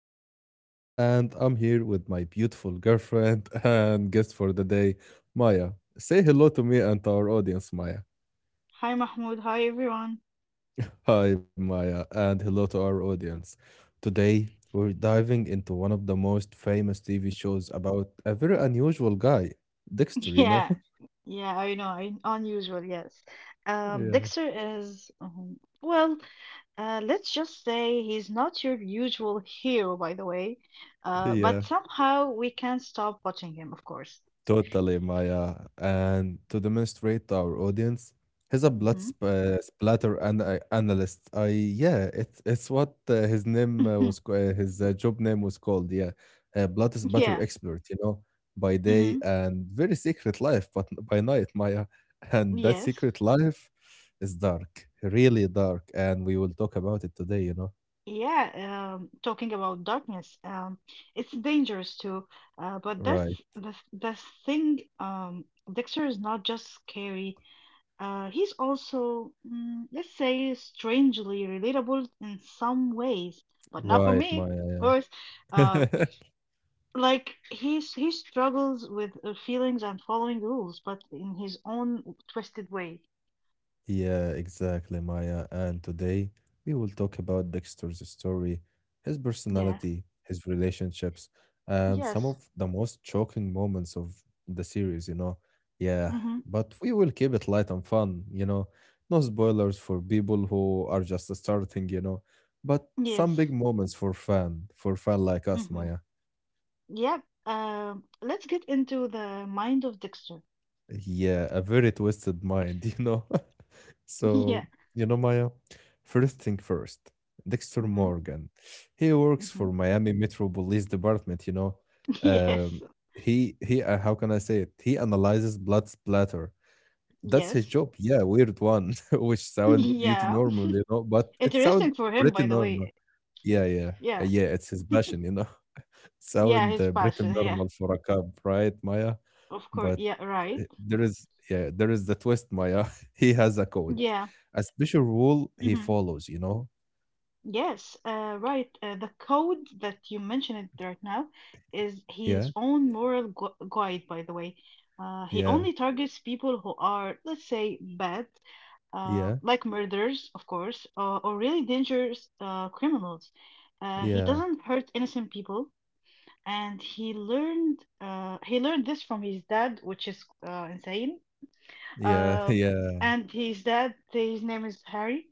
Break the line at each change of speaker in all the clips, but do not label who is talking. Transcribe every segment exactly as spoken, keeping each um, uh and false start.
host, Mahmoud, and I'm here with my beautiful girlfriend and guest for the day, Maya. Say hello to me and to our audience, Maya.
Hi Mahmoud, hi everyone.
Hi, Maya, and hello to our audience. Today, we're diving into one of the most famous T V shows about a very unusual guy, Dexter, you know?
Yeah, yeah, I know, I, unusual, yes. Um,
Yeah.
Dexter is, um, well, uh, let's just say he's not your usual hero, by the way, uh,
Yeah.
but somehow we can't stop watching him, of course.
Totally, Maya. And to demonstrate to our audience, he's a blood sp- uh, splatter an- uh, analyst. I yeah, it's it's what uh, his name uh,
Mm-hmm.
was ca- uh, his uh, job name was called. Yeah, uh, blood splatter
Yeah.
expert. You know, by day
Mm-hmm.
and very secret life, but n- by night, Maya. And that
Yes.
secret life is dark, really dark, and we will talk about it today. You know,
Yeah. Um, talking about darkness, um, it's dangerous too. Uh, but that's
right,
the the thing. Um, Dexter is not just scary. Uh, he's also, mm, let's say, strangely relatable in some ways, but not for
right,
me, of
Maya.
course. Uh,
Yeah.
like he's he struggles with uh, feelings and following rules, but in his own twisted way.
Yeah, exactly, Maya. And today we will talk about Dexter's story, his
Yeah.
personality, his relationships, and some
Yes.
of the most shocking moments of the series, you know. Yeah,
Mm-hmm.
but we will keep it light and fun, you know. No spoilers for people who are just starting, you know. But some
Yes.
big moments for fan, for fan like us,
Mm-hmm.
Maya.
Yep. Um, let's get into the mind of Dexter.
Yeah, a very twisted mind, you know.
Yeah.
So, you know, Maya, first thing first, Dexter
Mm-hmm.
Morgan, he works
Mm-hmm.
for Miami Metro Police Department, you know. Um,
Yes.
he he, uh, how can I say it? He analyzes blood splatter. That's his
Yes.
job. Yeah, weird one, which sound beauty
Yeah.
normal, you know, but it sound
Interesting for him,
pretty
by the
normal.
way.
Yeah, yeah, uh,
Yeah.
yeah. It's his passion, you know.
Yeah,
Sound
his
uh, pretty
passion. Yeah.
normal for a cop, right, Maya?
Of course,
But
yeah, right.
eh, there is yeah, there is the twist, Maya. He has a code,
Yeah.
a special rule he
Hmm.
follows, you know?
Yes, uh, right. Uh, the code that you mentioned it right now is his
Yeah,
own moral gu guide, by the way. Uh, he
yeah,
only targets people who are, let's say, bad, uh,
yeah,
like murderers, of course, uh, or really dangerous uh, criminals. Uh, he
yeah,
doesn't hurt innocent people, and he learned uh, he learned this from his dad, which is uh, insane.
yeah,
Um,
yeah,
and his dad, his name is Harry.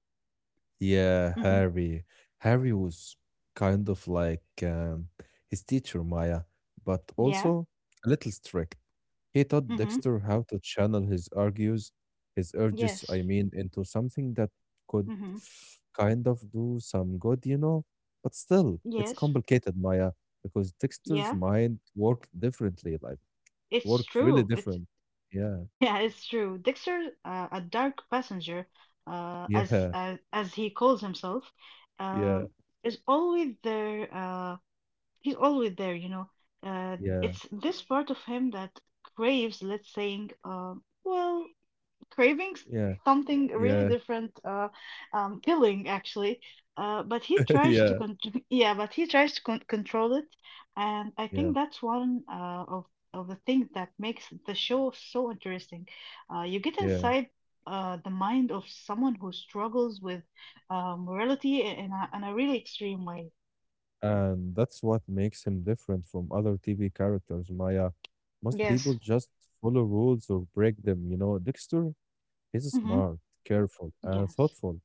yeah,
Mm-hmm.
Harry. Harry was kind of like um, his teacher, Maya, but
Yeah.
also a little strict. He taught
Mm-hmm.
Dexter how to channel his argues, his urges,
Yes.
I mean, into something that could
Mm-hmm.
kind of do some good, you know? But still, it's
Yes.
complicated, Maya, because Dexter's
Yeah.
mind worked differently, like it
It's
worked really
true. It's
different. Yeah,
yeah, it's true. Dexter, uh, a dark passenger, uh, as
yeah,
uh, as he calls himself,
yeah,
um, is always there. Uh, he's always there. You know, uh,
yeah,
it's this part of him that craves, let's saying, um, well, craving s-
yeah,
something really
yeah,
different, uh, um, feeling actually. Uh, but he tries to
yeah,
con- yeah, but he tries to con- control it, and I
yeah,
think that's one uh, of of the things that makes the show so interesting. Uh, you get
yeah.
inside. Uh, the mind of someone who struggles with uh, morality in a, in a really extreme way.
And that's what makes him different from other T V characters, Maya. Most people
Yes.
just follow rules or break them, you know. Dexter He's
Mm-hmm.
smart, careful, and
Yes,
thoughtful,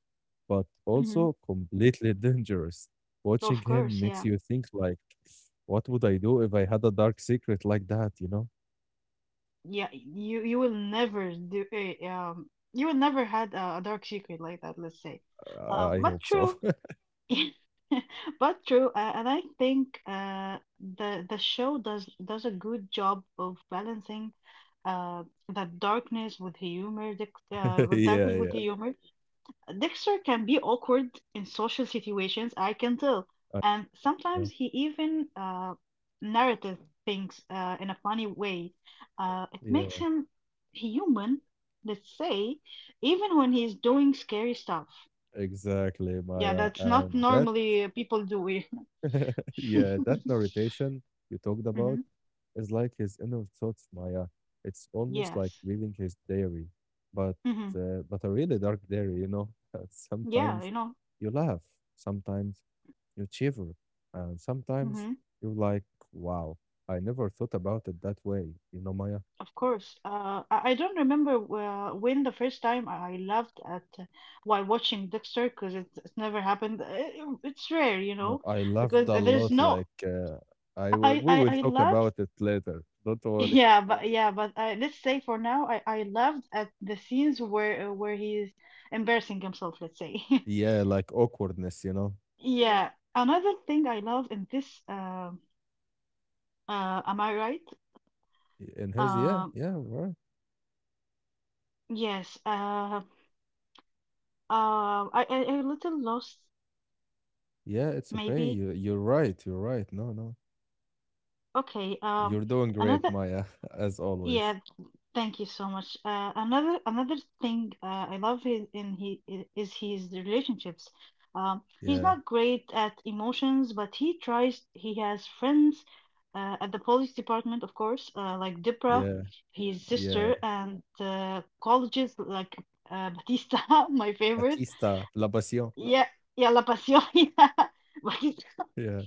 but
hmm,
also completely dangerous. Watching
of
him
course,
makes
yeah.
you think like, what would I do if I had a dark secret like that, you know?
Yeah, you you will never do a um you will never had a, a dark secret like that, let's say.
Uh,
Um,
I
but
hope so.
true, but true, uh, and I think uh the the show does does a good job of balancing uh the darkness with humor, the, uh with
yeah,
darkness with
yeah.
Yeah. humor, Dexter can be awkward in social situations, I can tell.
I
And
know.
sometimes he even uh, narrative things uh, in a funny way. Uh, it makes
Yeah,
him human, let's say, even when he's doing scary stuff.
exactly,
Yeah,
Maya.
that's not
And that
normally uh, people do it.
yeah, that narration you talked about
Mhm.
is like his inner thoughts, Maya. It's almost like
Yes.
reading his diary, but
Hmm.
uh, but a really dark diary, you know.
Yeah,
Sometimes
you know.
you laugh, sometimes you shiver, and sometimes
Hmm.
you're like, "Wow, I never thought about it that way," you know, Maya.
Of course. Uh, I, I don't remember uh, when the first time I laughed at uh, while watching Dexter because it, it never happened. It, it's rare, you
No,
know,
I laughed
because
a
there's
lot.
no.
Like uh, I, w-
I
we
I,
will
I
talk
laughed.
about it later. Don't worry.
Yeah, but yeah, but uh, let's say for now, I I laughed at the scenes where uh, where he's embarrassing himself. Let's say. Yeah.
Yeah, like awkwardness, you know.
Yeah. Another thing I love in this. Uh, uh, am I right?
In his, yeah,
Um,
yeah, right.
yes. Uh. Uh. I I I a little lost
Yeah, it's okay.
maybe.
You you're right. You're right. No, no.
Okay, um,
You're doing great,
another,
Maya, as always.
yeah, thank you so much. Uh, another another thing uh, I love in, in he i- is his relationships. Um, he's
Yeah.
not great at emotions, but he tries. He has friends uh, at the police department, of course, uh, like Dipra,
Yeah.
Yeah. his
Yeah.
sister, and uh, colleges like uh, Batista, my favorite.
Batista, La Pasión.
La- Yeah, yeah, La Pasión, yeah, Batista
Yeah.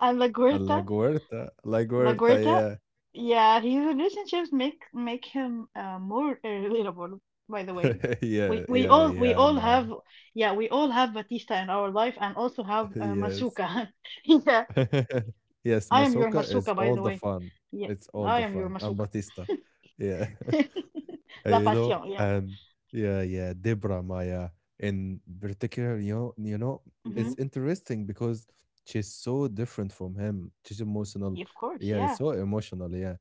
and La
Uh, La
Guerta.
Guerta. La Guerta,
LaGuardia,
yeah.
yeah, his relationships make make him uh, more uh, relatable. By the way,
Yeah,
we we
yeah,
all we
yeah,
all
Maya.
have, yeah, we all have Batista in our life and also have uh,
Yes.
Masuka. Yeah,
Yes,
I am your
Masoka is
Masuka,
all
by the
the
way.
fun.
Yeah,
It's all
I
the
am your
fun. And
Masuka.
Batista. Yeah. uh,
La
you know,
Passion, yeah.
and yeah, yeah, Debra Maya in particular, you know, you know, it's
Mm-hmm.
interesting because she's so different from him. She's emotional,
Mhm. Of course,
yeah,
yeah.
so emotional, yeah,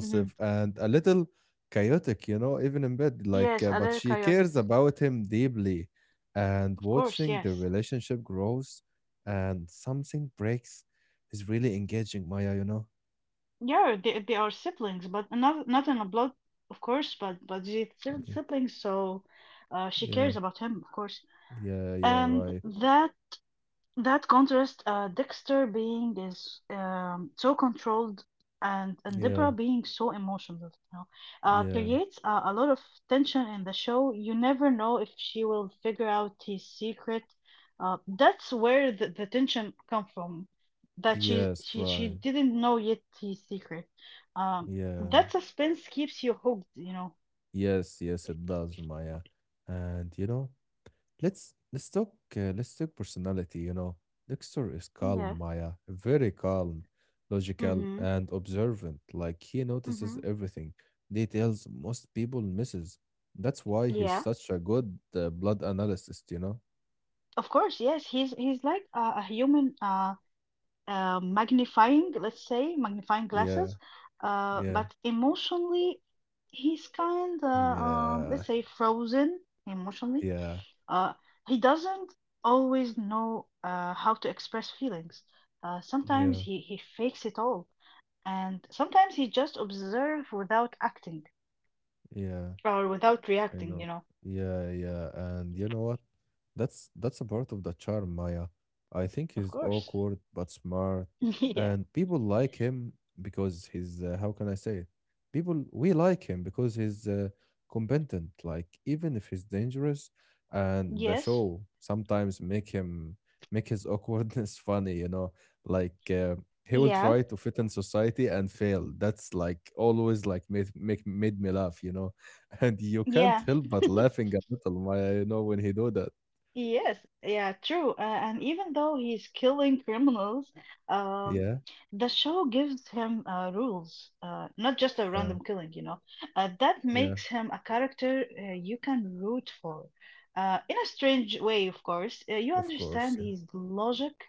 Mm-hmm.
and a little chaotic, you know, even in bed. Like,
Yes,
uh, but
Alerka
she
Yusuf.
cares about him deeply, and
Of course,
watching the
yes.
relationship grows and something breaks is really engaging, Maya. You know,
Yeah, they they are siblings, but not not in a blood, of course, but but they still
Mm,
siblings, so uh, she
yeah,
cares about him, of course.
yeah, yeah,
And
right,
Mhm. that that contrast, uh, Dexter being is um, so controlled and, and Deborah
yeah,
being so emotional, you know, uh,
yeah.
creates a, a lot of tension in the show. You never know if she will figure out his secret. Uh, that's where the, the tension come from, that she,
Yes,
she she
right.
didn't know yet his secret. Um,
Yeah.
that suspense keeps you hooked, you know.
Yes, yes, it does, Maya. And you know, let's let's talk uh, let's talk personality, you know. Dexter is calm,
Yeah.
Maya, very calm, logical
Mm-hmm.
and observant. Like he notices
Mm-hmm.
everything, details most people misses. That's why he's
Yeah,
such a good uh, blood analyst, you know?
of course, yes. He's he's like a, a human. Uh, uh, magnifying, let's say, magnifying
Yeah,
glasses. Uh,
yeah,
but emotionally, he's kind of, um,
yeah,
let's say, frozen emotionally.
yeah,
Uh, he doesn't always know uh, how to express feelings. Uh, sometimes
yeah,
he, he fakes it all, and sometimes he just observes without acting
yeah.
or without
I
reacting, you
know.
know.
Yeah, yeah. And you know what? That's that's a part of the charm, Maya. I think
Of
he's
course.
awkward but smart,
Yeah.
and people like him because he's uh, how can I say it? People we like him because he's uh, competent. Like even if he's dangerous, and the
Yes.
show sometimes make him make his awkwardness funny. You know, like uh, he will
Yeah.
try to fit in society and fail. That's like always like made make made me laugh. You know and you can't
Yeah.
help but laughing a little, my, you know, when he do that.
Yes, yeah, true. Uh, and even though he's killing criminals, um,
Yeah,
the show gives him uh, rules, uh, not just a
yeah,
random killing, you know. Uh, that
yeah.
makes him a character uh, you can root for. Uh, in a strange way, of course, uh, you
Of course,
understand
yeah,
his logic.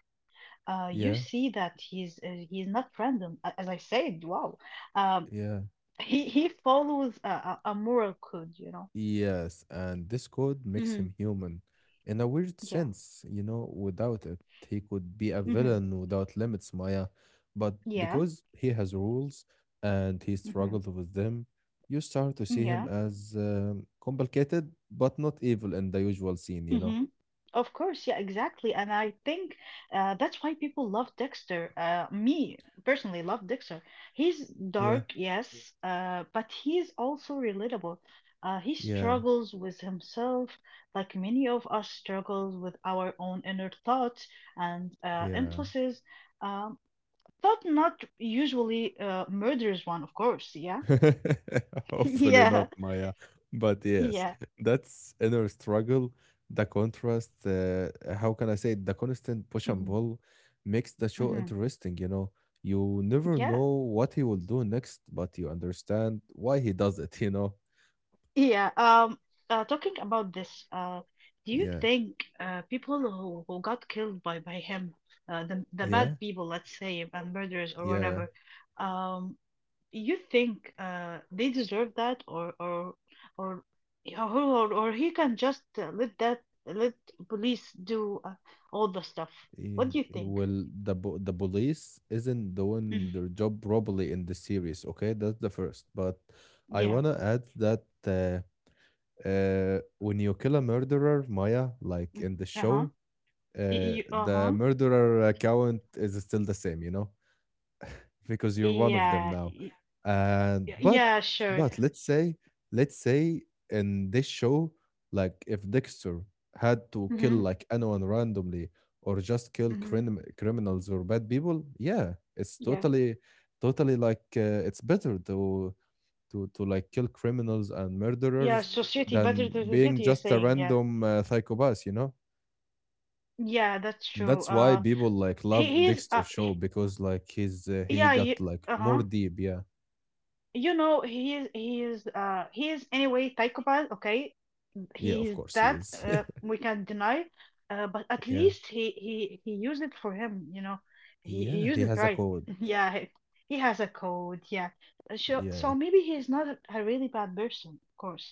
Uh, you
yeah,
see that he's uh, he's not random, A- as I said. Wow, um,
yeah.
he he follows a, a, a moral code, you know.
Yes, and this code makes
Hmm.
him human, in a weird
Yeah.
sense. You know, without it, he could be a
Hmm.
villain without limits, Maya. But
Yeah.
because he has rules and he
Mm.
struggled with them, you start to see him
Yeah.
as um, complicated, but not evil in the usual scene. You know.
Mm-hmm. Of course, yeah, exactly. And I think uh, that's why people love Dexter. Uh, me personally love Dexter. He's
Yeah,
dark, yes, uh, but he's also relatable. Uh, he
yeah,
struggles with himself, like many of us struggles with our own inner thoughts and uh,
yeah.
impulses. Um, thought not usually uh, murders one, of course. Yeah,
Hopefully
yeah,
not, Maya. But yes,
yeah.
that's inner struggle. The contrast, uh, how can I say it? The constant push and
Hmm.
pull makes the show
Hmm.
interesting, you know. You never
Yeah.
know what he will do next, but you understand why he does it, you know.
Yeah, um, uh, talking about this, uh, do you
Yeah,
think uh, people who, who got killed by, by him, uh, the, the bad
yeah,
people, let's say, and murderers or
yeah.
whatever, um, you think uh, they deserve that, or or or, or or or he can just uh, let that let police do uh, all the stuff? What do
y-
you
y-
think?
Well, the po- the police isn't
Mhm.
doing their job properly in the series, okay? That's the first. But I
Yeah.
wanna add that uh, uh, when you kill a murderer, Maya, like
Mm.
in the
Uh-huh.
show, uh,
Y- y-
the
Uh-huh.
murderer account is still the same, you know, because you're one of them
Yeah.
now.
y-
And
y-
but
Yeah, sure.
but let's say let's say in this show, like if Dexter had to kill
Mm-hmm.
like anyone randomly or just kill
Mm-hmm.
crim- criminals or bad people, yeah, it's
Yeah.
totally totally like uh, it's better to to to like kill criminals and
Yeah,
murderers
society better
than
than the
being
city, you're
just a
saying. Yeah.
random uh, psychopath you know
Yeah, that's true.
that's why
Uh,
people like
he,
love
he's
dexter
uh
show
he,
because like he's uh, he
yeah, you,
got like more
uh-huh.
deep yeah
You know, he is he is uh he is anyway psychopath, okay?
yeah
he
of
is
course he
That
is
uh, we can deny, uh, but at
yeah
least he he he used it for him. You know, he he
yeah
used
he
it
has a
right.
code
Yeah, he, he has a code. Yeah, Uh, so
yeah
so maybe he's not a a really bad person. Of course.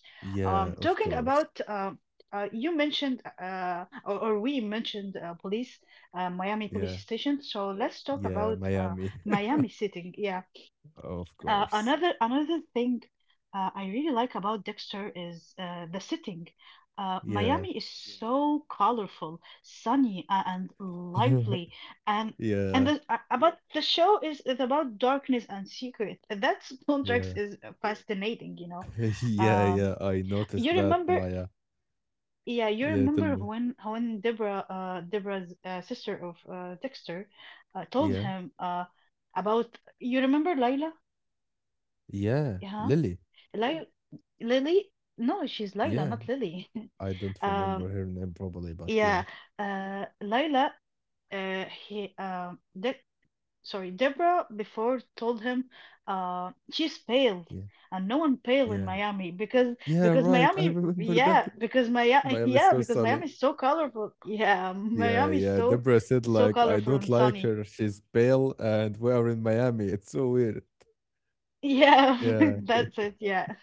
Um,
yeah of
talking
course
about um. Uh, you mentioned, uh, or, or we mentioned, uh, police, uh, Miami police
yeah
station. So let's talk
yeah
about uh,
miami
Miami sitting. Yeah,
of
uh,
course
another another thing uh, I really like about Dexter is uh, the setting. Uh,
yeah
Miami is Yeah. so colorful, sunny, uh, and lively, and
yeah
and the, uh, Yeah. about the Yes. show is, is about darkness and secret. That contrast
yeah
is Yeah. fascinating, you know.
yeah
Um,
yeah I
you
noticed that
remember,
maya
yeah, you
yeah tell
remember
me
when when Deborah, uh, Deborah's uh, sister of uh, Dexter, uh, told
yeah
him uh, about. You remember Lila?
yeah lily
Lil Lily? No, she's Layla,
yeah
not Lily.
I don't remember
Um,
her name properly, but yeah,
yeah, uh, Layla, uh, he, um, De sorry, Deborah before told him, uh, she's pale,
yeah,
and no one pale in
yeah,
Miami because
yeah.
because
Right, I
Miami,
remember that.
yeah, because Miami,
Miami
yeah,
so
because
sorry.
Miami is so colorful. Yeah,
Yeah,
Miami is
yeah.
so
Deborah said
so
like I
colorful
don't
and
like
sunny.
her. She's pale and we are in Miami. It's so weird.
Yeah,
Yeah.
that's it. Yeah,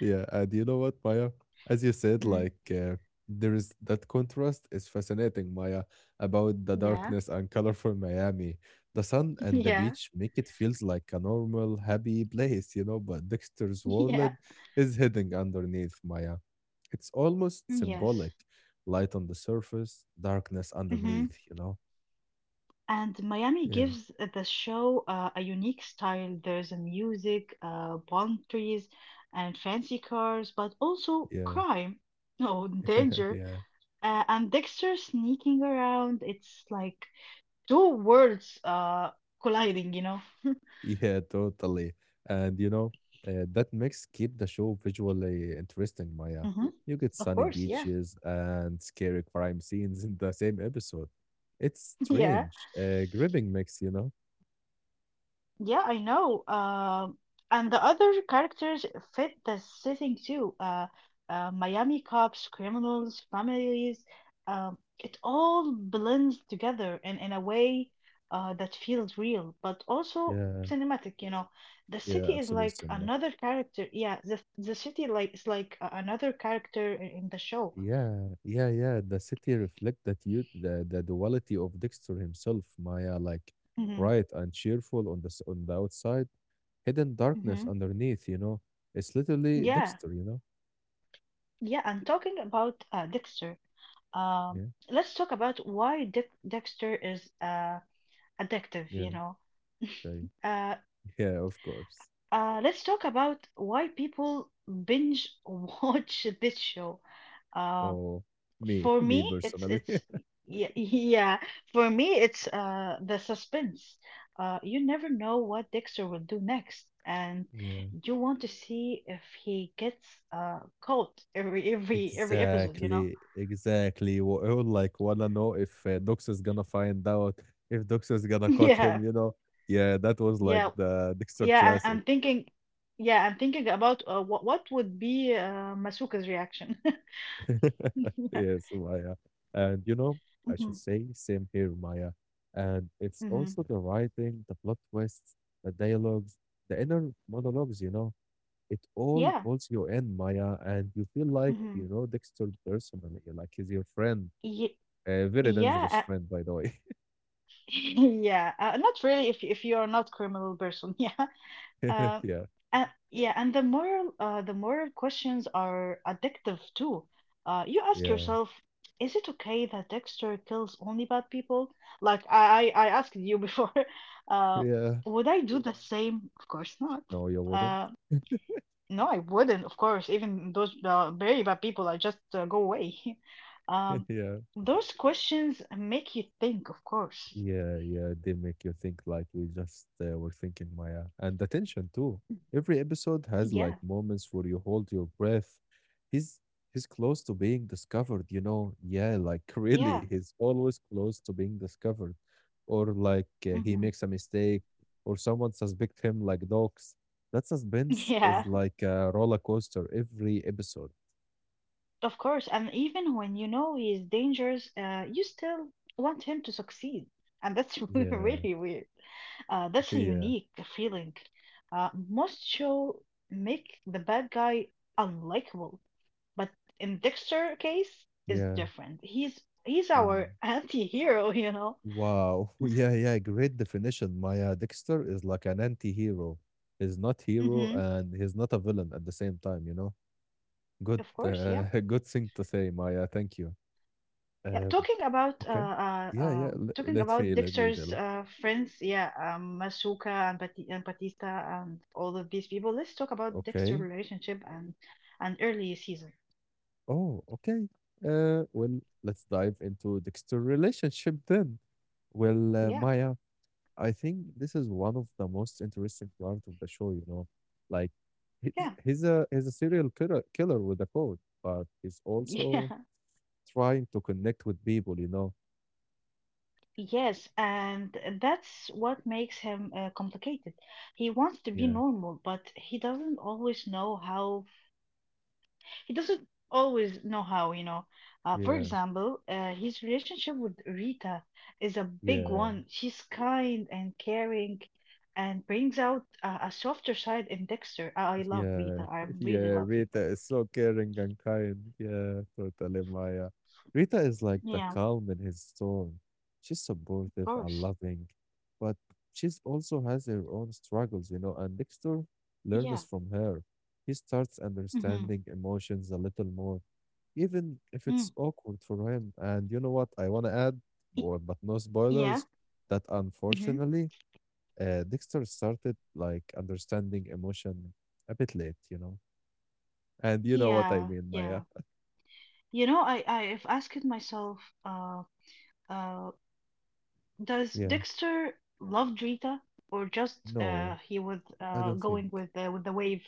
Yeah, and you know what, Maya? As you said,
mm,
like uh, there is that contrast is fascinating, Maya, about the
yeah,
darkness and colorful Miami. The sun and the
yeah,
beach make it feels like a normal, happy place, you know, but Dexter's world
yeah.
is hidden underneath, Maya. It's almost
Yes.
symbolic. Light on the surface, darkness
Mm-hmm.
underneath, you know?
And Miami
Yeah,
gives the show uh, a unique style. There's a music, uh, palm trees, and fancy cars, but also
yeah,
crime, oh, danger,
yeah.
uh, and Dexter sneaking around. It's like two worlds uh, colliding, you know?
Yeah, totally. And you know, uh, that mix keep the show visually interesting, Maya.
Hmm.
You get
Of
sunny
course, yeah.
beaches and scary crime scenes in the same episode. It's
Yeah.
strange, a gripping mix, you know?
Yeah, I know. Um, and the other characters fit the setting too. Uh, uh, Miami cops, criminals, families. Um, it all blends together in, in a way uh, that feels real, but also
Yeah,
cinematic, you know. The
yeah,
city is
absolute
like
cinema.
another character. Yeah, the the city like is like a- another character in in the show.
Yeah, yeah, yeah. The city reflect that you the, the duality of Dexter himself, Maya, like
Mm-hmm.
bright and cheerful on the s- on the outside, hidden darkness
Mm-hmm.
underneath, you know. It's literally
Yeah.
Dexter, you know?
Yeah, and talking about uh, Dexter. Um,
Yeah,
let's talk about why Dex- Dexter is uh, addictive, you
yeah,
know.
okay.
Uh,
Yeah, of course.
uh, let's talk about why people binge watch this show. Uh,
Oh, me,
for
me
me, it's
personally.
it's yeah, yeah. For me, it's uh the suspense. Uh, you never know what Dexter will do next, and
Yeah,
you want to see if he gets uh caught every every every episode. You know?
exactly, exactly. Wha- I would like wanna know if uh, Dux is gonna find out, if Dux is gonna cut him,
Yeah,
you know. Yeah, that was like
yeah.
the Dexter
Yeah, I,
classic.
I'm thinking. Yeah, I'm thinking about uh, what what would be uh, Masuka's reaction. Yeah.
Yes, Maya. And you know, I
Hmm.
should say same here, Maya. And it's
Hmm.
also the writing, the plot twists, the dialogues, the inner monologues, you know. It all
Yeah.
pulls you in, Maya, and you feel like
Hmm.
you know Dexter personally, like he's your friend.
Ye
A very
Yeah. Uh,
dangerous friend, by the way.
yeah. Uh, not really if if you're not criminal person. Yeah. Uh,
yeah,
and, yeah, and the moral uh, the moral questions are addictive too. Uh, you ask
yeah,
yourself, is it okay that Dexter kills only bad people? Like I I I asked you before, uh,
yeah.
would I do the same? Of course not.
No, you wouldn't.
Uh, no, I wouldn't. Of course, even those uh, very bad people, I just uh, go away. Um,
yeah.
those questions make you think, of course.
Yeah, yeah, they make you think like we just uh, were thinking, Maya. And attention too. Every episode has
Yeah,
like moments where you hold your breath. He's he's close to being discovered, you know. Yeah, like
yeah.
really, he's always close to being discovered. Or like uh, he
Hmm.
makes a mistake, or someone suspect him like dogs. That suspense
Yeah.
is like a roller coaster every episode.
Of course, and even when you know he is dangerous, uh, you still want him to succeed. And that's
Yeah,
really weird. Uh, that's a
yeah,
unique feeling. Uh, most show make the bad guy unlikable, but in Dexter case is
yeah,
different. He's he's
yeah.
our anti-hero, you know.
Wow. Yeah, yeah, great definition. Maya Dexter is like an anti-hero. He's not hero
Hmm.
and he's not a villain at the same time, you know? Good
Of course,
uh,
yeah.
good thing to say, Maya. Thank you.
Yeah,
Um,
talking about uh,
okay.
uh,
Yeah, yeah.
uh,
l-
talking
Let
about
me let me
Dexter's
tell.
uh, friends, yeah, um, Masuka and, Bati- and Batista and all of these people. Let's talk about Dexter
Okay.
relationship and and early season.
Oh, okay. Uh, well, let's dive into Dexter relationship then. Well, uh,
Yeah,
Maya, I think this is one of the most interesting part of the show, you know. Like he's
yeah,
he's a he's a serial killer killer with a code, but he's also
yeah,
trying to connect with people, you know.
yes, and that's what makes him uh, complicated. He wants to be
Yeah,
normal, but he doesn't always know how He doesn't always know how, you know. Uh, for
yeah,
example, uh, his relationship with Rita is a big
yeah.
one. She's kind and caring and brings out a, a softer side in Dexter. I, I love Rita.
Yeah,
I really
yeah,
love
Rita
Rita.
is so caring and kind. Yeah, totally, Maya. Rita is like the
Yeah, of
calm in his storm. She's supportive and
course.
loving, but she's also has her own struggles, you know, and Dexter
Yeah.
learns from her. He starts
Mm-hmm.
understanding emotions a little more, even if
Mm.
it's awkward for him. And you know what? I want to add,
Y-
boy, but no
Yeah.
spoilers, that
Mm-hmm.
unfortunately, uh, Dexter started like understanding emotion a bit late, you know. And you know what I
Yeah.
mean, Maya.
Yeah. You know, I, I have asked myself, uh, uh, does
Yeah.
Dexter love Rita or just
No,
uh he was
I
uh
don't
going
think.
with uh, with the wave?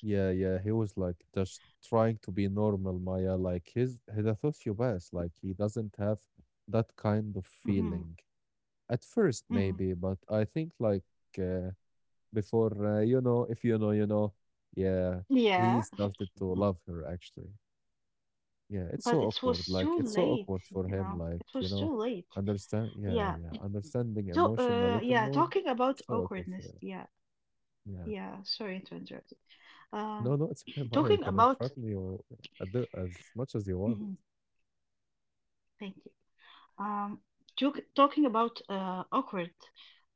Yeah, yeah. He was like just trying to be normal, Maya. Like his he's a sociopath. Like he doesn't have that kind of
Mhm,
feeling at first,
mhm.
maybe. But I think like uh, before, uh, you know, if you know, you know. Yeah, he
Yeah,
started to
mhm.
love her actually. Yeah, it's
But
so
it
awkward.
was
Like
too
it's so
late,
awkward for
you
him.
know.
Like
It
you
was
know,
too late.
understand. Yeah,
Yeah.
yeah, understanding
So,
emotion a
uh,
little
yeah,
more.
talking about
So awkward for
awkwardness.
him.
Yeah,
Yeah.
yeah. Sorry to interrupt. Um,
No, no, it's okay. Maya. You
talking
can
about.
interrupt me or at the, as much as you want.
Mhm. Thank you. Um, talk, talking about uh awkward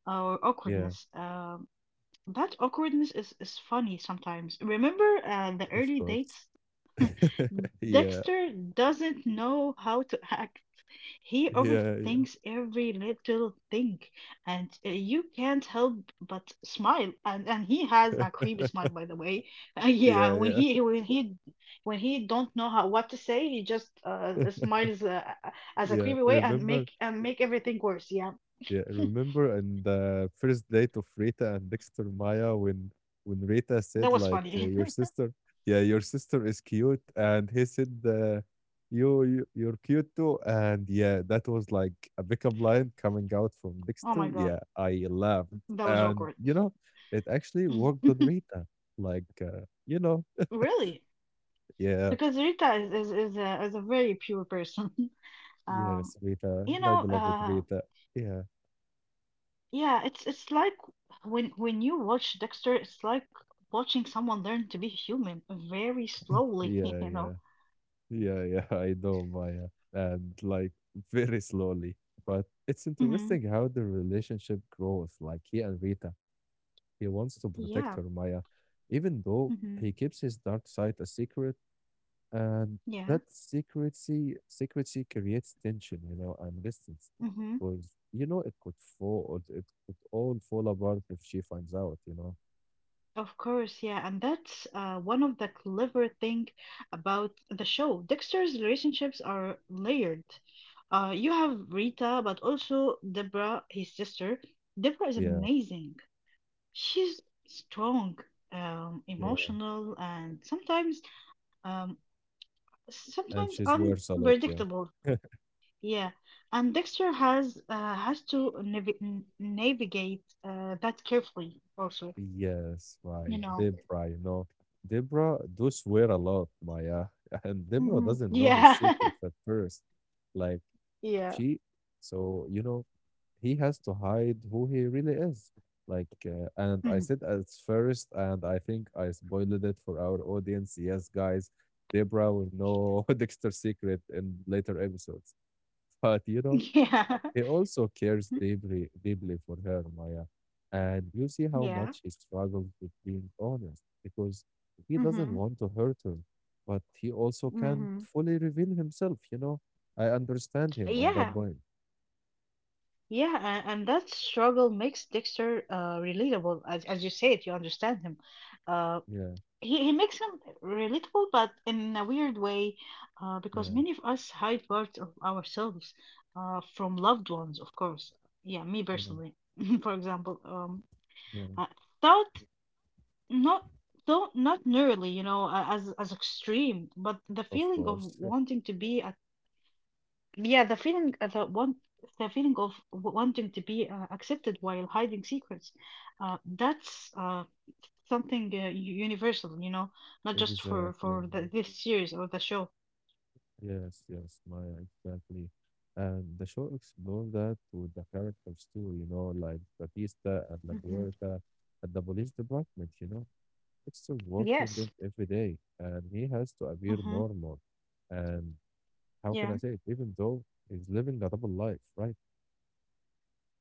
or
Yeah,
awkwardness. Um, that awkwardness is is funny sometimes. Remember, uh, the
of
early
course.
dates.
yeah,
Dexter doesn't know how to act. He
yeah, yeah,
overthinks every little thing, and uh, you can't help but smile. And and he has a creepy smile, by the way. Uh, yeah,
yeah,
when
yeah,
he when he when he don't know how what to say, he just uh, smiles uh, as a
yeah.
creepy way and
Remember,
make and make everything worse. Yeah,
yeah, I remember in the first date of Rita and Dexter Maya when when Rita
that
said
was
like uh,
funny.
your sister, yeah, your sister is cute, and he said uh, you, you you're cute too, and yeah, that was like a pickup line coming out from
Oh
Dexter.
my God,
Yeah, I laughed,
that was
and
awkward.
you know, it actually worked on Rita. Like uh, you know,
Really?
yeah,
Because Rita is is is a is a very pure person. Um,
yes, Rita,
you
my
know,
beloved
uh.
Rita. Yeah,
Yeah, it's it's like when when you watch Dexter, it's like watching someone learn to be human very slowly,
yeah,
you know.
yeah. Yeah, yeah, I know, Maya. And like very slowly. But it's
Hmm.
interesting how the relationship grows. Like he and Rita, he wants to
Yeah.
protect her, Maya, even though
Hmm.
he keeps his dark side a secret. And
Yeah.
that secrecy, secrecy creates tension, you know, and distance.
Hmm.
Because, you know, it could fall, it could all fall apart if she finds out, you know?
Of course, yeah, and that's uh, one of the clever thing about the show. Dexter's relationships are layered. Uh, you have Rita, but also Deborah, his sister. Deborah is
Yeah,
amazing. She's strong, um,
yeah.
emotional, and sometimes um,
And
sometimes
she's worse a lot,
unpredictable.
yeah.
Yeah, and Dexter has uh, has to navi n- navigate uh, that carefully also,
Yes,
you
right.
know.
Debra, you know, Debra do swear a lot, Maya, and Debra
Hmm.
doesn't know his
Yeah,
secrets at first. Like
yeah.
she, so you know, he has to hide who he really is. Like, uh, and I
Mhm.
said at first, and I think I spoiled it for our audience. Yes, guys, Debra will know Dexter's secret in later episodes. But you know,
Yeah,
he also cares deeply, deeply for her, Maya. And you see how
yeah.
much he struggles with being honest because he doesn't
Mm-hmm.
want to hurt her, but he also can't
Mm-hmm.
fully reveal himself, you know? I understand him on that
Yeah,
point.
yeah, and, and that struggle makes Dexter uh relatable. As as you say it, you understand him. Uh,
Yeah,
he, he makes them relatable, but in a weird way, uh, because
yeah,
many of us hide parts of ourselves uh, from loved ones, of course. Yeah, me
yeah,
personally, for example, um,
yeah,
uh, thought not though not nearly, you know, a- as as extreme, but the
of
feeling of
course.
wanting to be a yeah, the feeling uh, the want the feeling of w- wanting to be uh, accepted while hiding secrets, uh, that's uh, something uh, u- universal, you know, not just for
Exactly.
for the,
Maya.
this series or the show.
Yes, yes, Maya, exactly. And the show explored that with the characters too, you know, like Batista and La
Hmm.
Guerta at the police department, you know Dexter works with
Yes.
them every day, and he has to appear
Mm-hmm.
normal. And how can I
Yeah,
say it? Even though he's living a double life, right?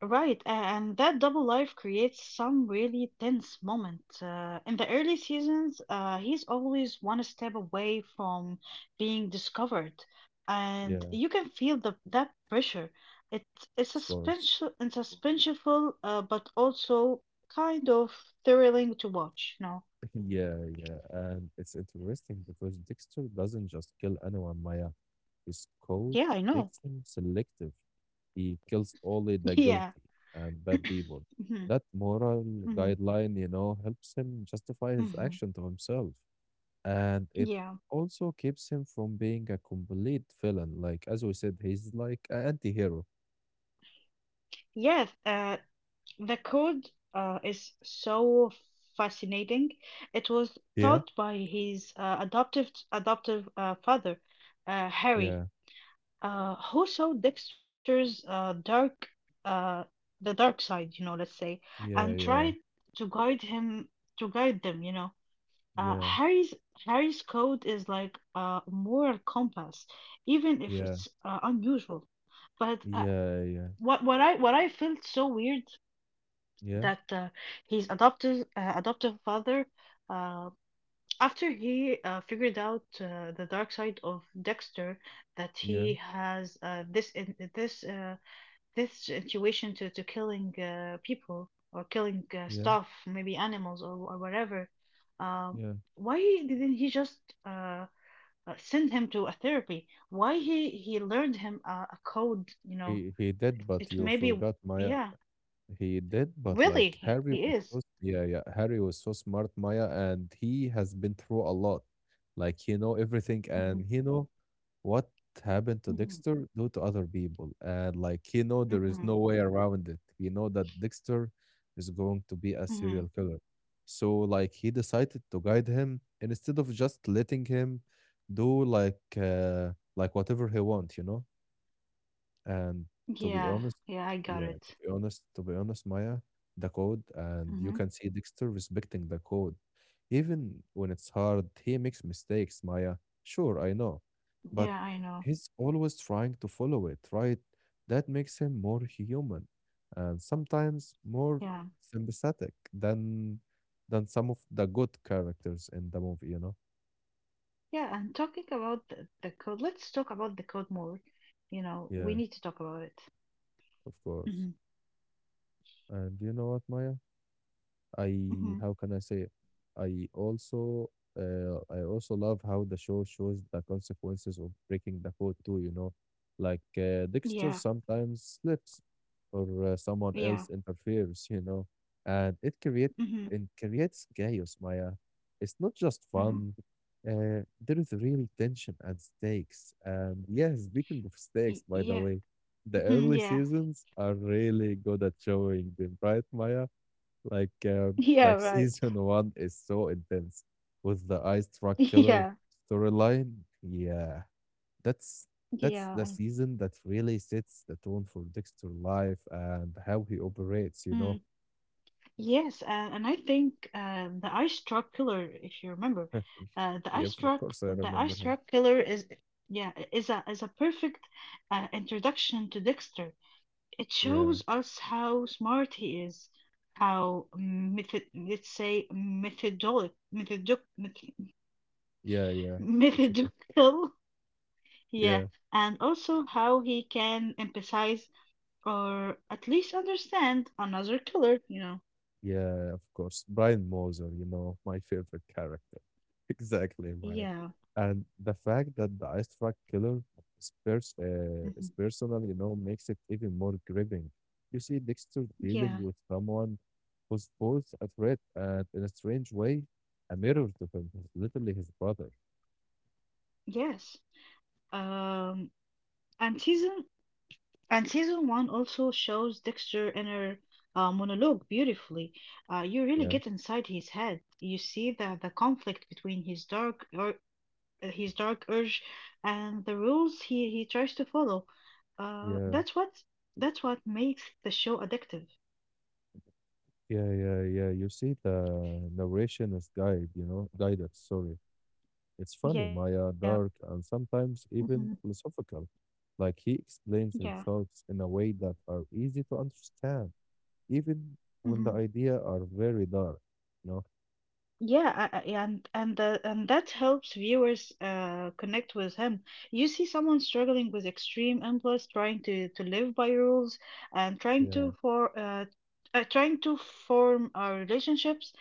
right. a- And that double life creates some really tense moments. Uh, in the early seasons, uh, he's always one step away from being discovered, and
Yeah,
you can feel the that pressure. It it's
of course.
suspension and suspenseful, uh, but also kind of thrilling to watch. No,
Yeah, yeah. And it's interesting because Dexter doesn't just kill anyone, Maya. His code
yeah, I know.
makes him selective. He kills only the
Yeah.
guilty and bad people.
Mhm,
That moral
mhm,
guideline, you know, helps him justify his
mhm.
action to himself, and it
Yeah.
also keeps him from being a complete villain. Like as we said, he's like an anti-hero.
Yes, uh, the code uh, is so fascinating. It was
Yeah.
taught by his uh, adoptive adoptive uh, father, uh, Harry,
Yeah,
uh, who saw Dexter's uh, dark uh, the dark side, you know, let's say, and tried
yeah,
to guide him to guide them, you know.
yeah,
Uh,
yeah,
Harry's Harry's code is like a moral compass, even if
yeah,
it's uh, unusual. But uh,
yeah, yeah,
what what I what I felt so weird
yeah,
that uh, his adoptive uh, adoptive father, uh, after he uh, figured out uh, the dark side of Dexter, that
yeah,
he has uh, this in this uh, this situation to, to killing uh, people or killing uh,
yeah,
stuff, maybe animals or, or whatever. Um,
yeah.
why didn't he just uh, uh, send him to a therapy? Why he he learned him uh, a code? You know,
He he did, but
it
you
maybe
forgot my.
yeah,
He did, but
really
like
he,
Harry
he
was so,
is.
yeah, yeah, Harry was so smart, Maya, and he has been through a lot. Like he know everything, and
Hmm.
he know what happened to
Hmm.
Dexter due to other people, and like he know there is
Hmm.
no way around it. He know that Dexter is going to be a serial
Hmm.
killer, so like he decided to guide him instead of just letting him do like uh, like whatever he want, you know. And to be
Yeah,
honest,
yeah, I got
yeah, to
it.
be honest, to be honest, Maya, the code, and you
Hmm.
can see Dexter respecting the code. Even when it's hard, he makes mistakes, Maya. Sure, I know. But
Yeah, I know.
he's always trying to follow it, right? That makes him more human and sometimes more
Yeah,
sympathetic than than some of the good characters in the movie, you know?
yeah. And talking about the, the code, let's talk about the code more. You know, we
Yeah,
need to talk about it.
of course.
Mm-hmm.
And you know what, Maya? I
Mhm.
how can I say it? I also uh, I also love how the show shows the consequences of breaking the code too, you know, like uh, Dexter
Yeah.
sometimes slips or uh, someone
Yeah.
else interferes, you know, and it creates
Mhm.
it creates chaos, Maya. It's not just
Mhm.
fun. Uh, there is real tension and stakes. And yeah, speaking of stakes,
Y-
by the
Yeah.
way, the
Mhm.
early
Yeah.
seasons are really good at showing them, right, Maya? Like uh,
Yeah,
like
right.
season one is so intense with the ice truck killer
Yeah.
storyline. Yeah, that's that's
Yeah.
the
and-
season that really sets the tone for Dexter life and how he operates. You know.
Mm. Yes, uh, and I think uh, the ice truck killer, if you remember, uh, the
Yeah,
ice
of
truck,
course I
the
remember
ice
him.
truck killer is, yeah, i- is a is a perfect uh, introduction to Dexter. It
Yeah,
shows us how smart he is, how method, let's say methodolic, methodic, meth-
yeah, yeah. It's okay.
methodical. Yeah,
Yeah.
and also how he can emphasize or at least understand another color, you know.
Yeah, of course. Brian Moser, you know, my favorite character. Exactly, Maya.
Yeah.
And the fact that the ice truck killer is, pers- uh,
Hmm.
is personal, you know, makes it even more gripping. You see Dexter dealing
Yeah.
with someone who's both a threat and, in a strange way, a mirror to him. He's literally his brother.
Yes. Um and season and season one also shows Dexter inner uh, monologue beautifully. Uh, you really
Yeah,
get inside his head. You see the the conflict between his dark or his dark urge and the rules he he tries to follow. Uh,
yeah,
that's what that's what makes the show addictive.
yeah, yeah, yeah. You see the narration is guide, you know, guided, sorry. It's funny,
Yeah.
Maya, dark, and sometimes
Mhm.
even philosophical. Like he explains his
Yeah.
thoughts in a way that are easy to understand, even when the
Mhm.
idea are very dark, you know?
Yeah, I, I, yeah, and and the, and that helps viewers uh connect with him. You see someone struggling with extreme impulse, trying to to live by rules and trying to
Yeah,
for uh, uh trying to form uh, relationships.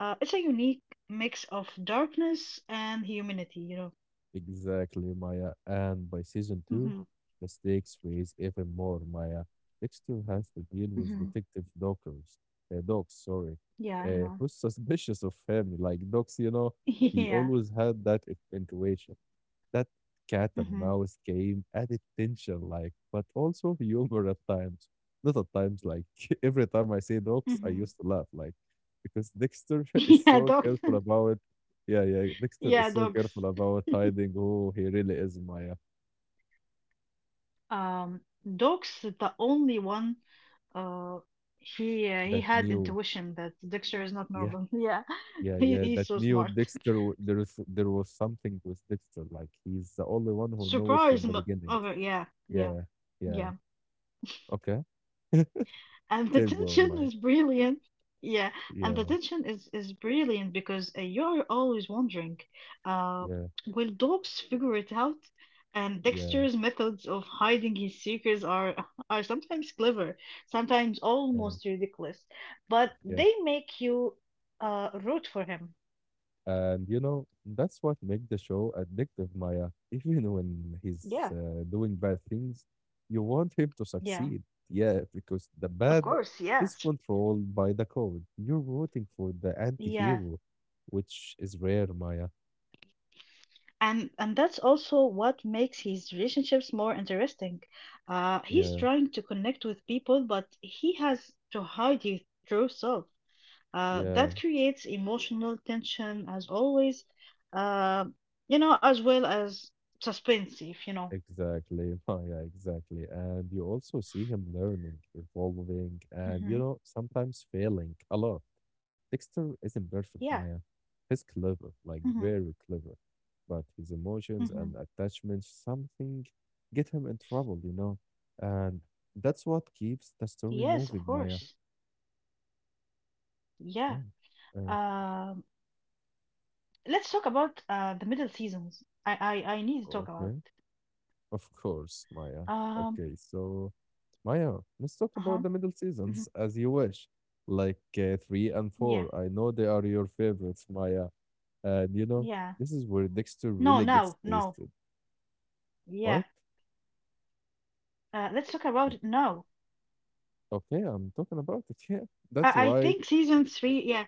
Uh, it's a unique mix of darkness and humanity, you know.
exactly, Maya. And by season two,
Mhm.
the stakes raise even more, Maya. Dexter has to deal with
Mhm.
detective dockers, uh, dogs, sorry,
Yeah, you
uh,
know.
who's suspicious of him, like dogs, you know, he
Yeah.
always had that in- intuition. That cat and
Mhm.
mouse game added tension, like, but also humor at times. Not at times, like, every time I say dogs, I
Mhm.
used to laugh, like, because Dexter is
Yeah,
so
dogs.
careful about, yeah, yeah, Dexter is
Yeah,
so
dogs.
careful about hiding who he really is, Maya.
Um, Dogs the only one. Uh, he uh, he
That
had
new,
intuition that Dexter is not
yeah,
normal. Yeah,
yeah,
he,
yeah,
he's
that
so
new
smart.
Dexter, w- there is, there was something with Dexter, like, he's the only one who knew it from
Surprise!
the
mo-
beginning.
Okay, yeah, yeah,
Yeah, yeah,
yeah.
okay.
And the
Keep going,
tension
Maya.
is brilliant. Yeah, and the
Yeah,
tension is is brilliant because uh, you're always wondering, uh,
yeah,
will dogs figure it out? And
yeah,
Dexter's methods of hiding his secrets are are sometimes clever, sometimes
yeah.
almost ridiculous, but
Yeah.
they make you uh root for him.
And you know, that's what makes the show addictive, Maya. Even when he's
Yeah.
uh, doing bad things, you want him to
Yeah.
succeed. Yeah, because the
Of
bad
course,
is
yes.
controlled by the code. You're rooting for the
Yeah,
anti-hero, which is rare, Maya.
and and that's also what makes his relationships more interesting. Uh, he's
Yeah,
trying to connect with people, but he has to hide his true self. Uh,
yeah,
that creates emotional tension as always, uh, you know, as well as suspense, if you know.
exactly, Maya, exactly. And you also see him learning, evolving, and you
Hmm.
know, sometimes failing a lot. Dexter isn't
Yeah.
perfect, Maya. He's clever, like
Hmm.
very clever, but his emotions
Hmm.
and attachment something get him in trouble, you know, and that's what keeps the story
Yes, of
moving, Maya.
course.
Yeah.
Yeah.
Uh,
Um, let's talk about uh, the middle seasons. I, I I need to talk about.
okay. Of course, Maya.
Um,
Okay, so Maya, let's talk
Uh-huh.
about the middle
Hmm.
seasons as you wish, like uh, three and
Yeah.
four. I know they are your favorites, Maya, and you know
Yeah.
this is where Dexter
No,
really gets
no, no.
tasted.
Yeah.
What?
Uh, let's talk about no.
Okay, I'm talking about it. Yeah, that's
I, I
why.
think season three, yeah.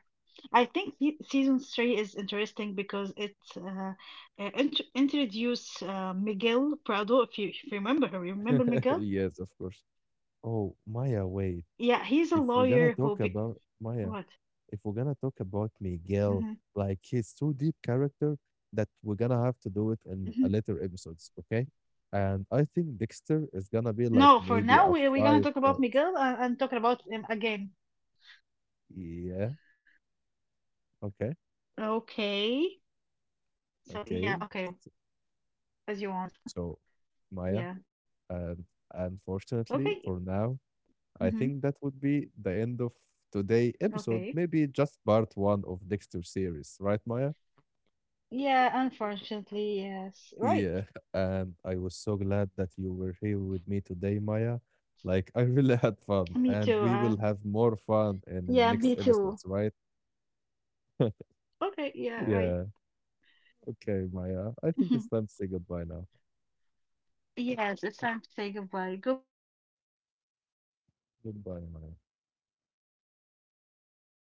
I think se- season three is interesting because it uh, uh, int introduce uh, Miguel Prado, if you, if you remember her. You remember Miguel?
Yes, of course. Oh, Maya, wait.
Yeah, he's a
If we're gonna
lawyer who
talk
be
about Maya,
what?
if we're gonna talk about Miguel,
Hmm.
like he's so deep character that we're gonna have to do it in
Hmm.
a later episodes, okay? And I think Dexter is gonna be like
No, for
maybe
now
a
we we're gonna
five
talk about
part.
Miguel and, and talking about him again.
Yeah, okay,
Okay. So
okay.
yeah, okay, as you want.
So Maya,
Yeah.
and unfortunately
Okay. Yeah.
for now, I
Mm-hmm.
think that would be the end of today episode.
Okay.
Maybe just part one of Dexter series, right, Maya?
Yeah, unfortunately, yes. Right.
Yeah. And I was so glad that you were here with me today, Maya. Like I really had fun,
Me
and
too.
we will
Um,
have more fun in
yeah,
next
me
episodes,
too.
right?
Okay, yeah, right.
Yeah. Okay, Maya. I think it's time to say goodbye now.
Yes, it's time to say goodbye. Goodbye, all.
Goodbye, Maya.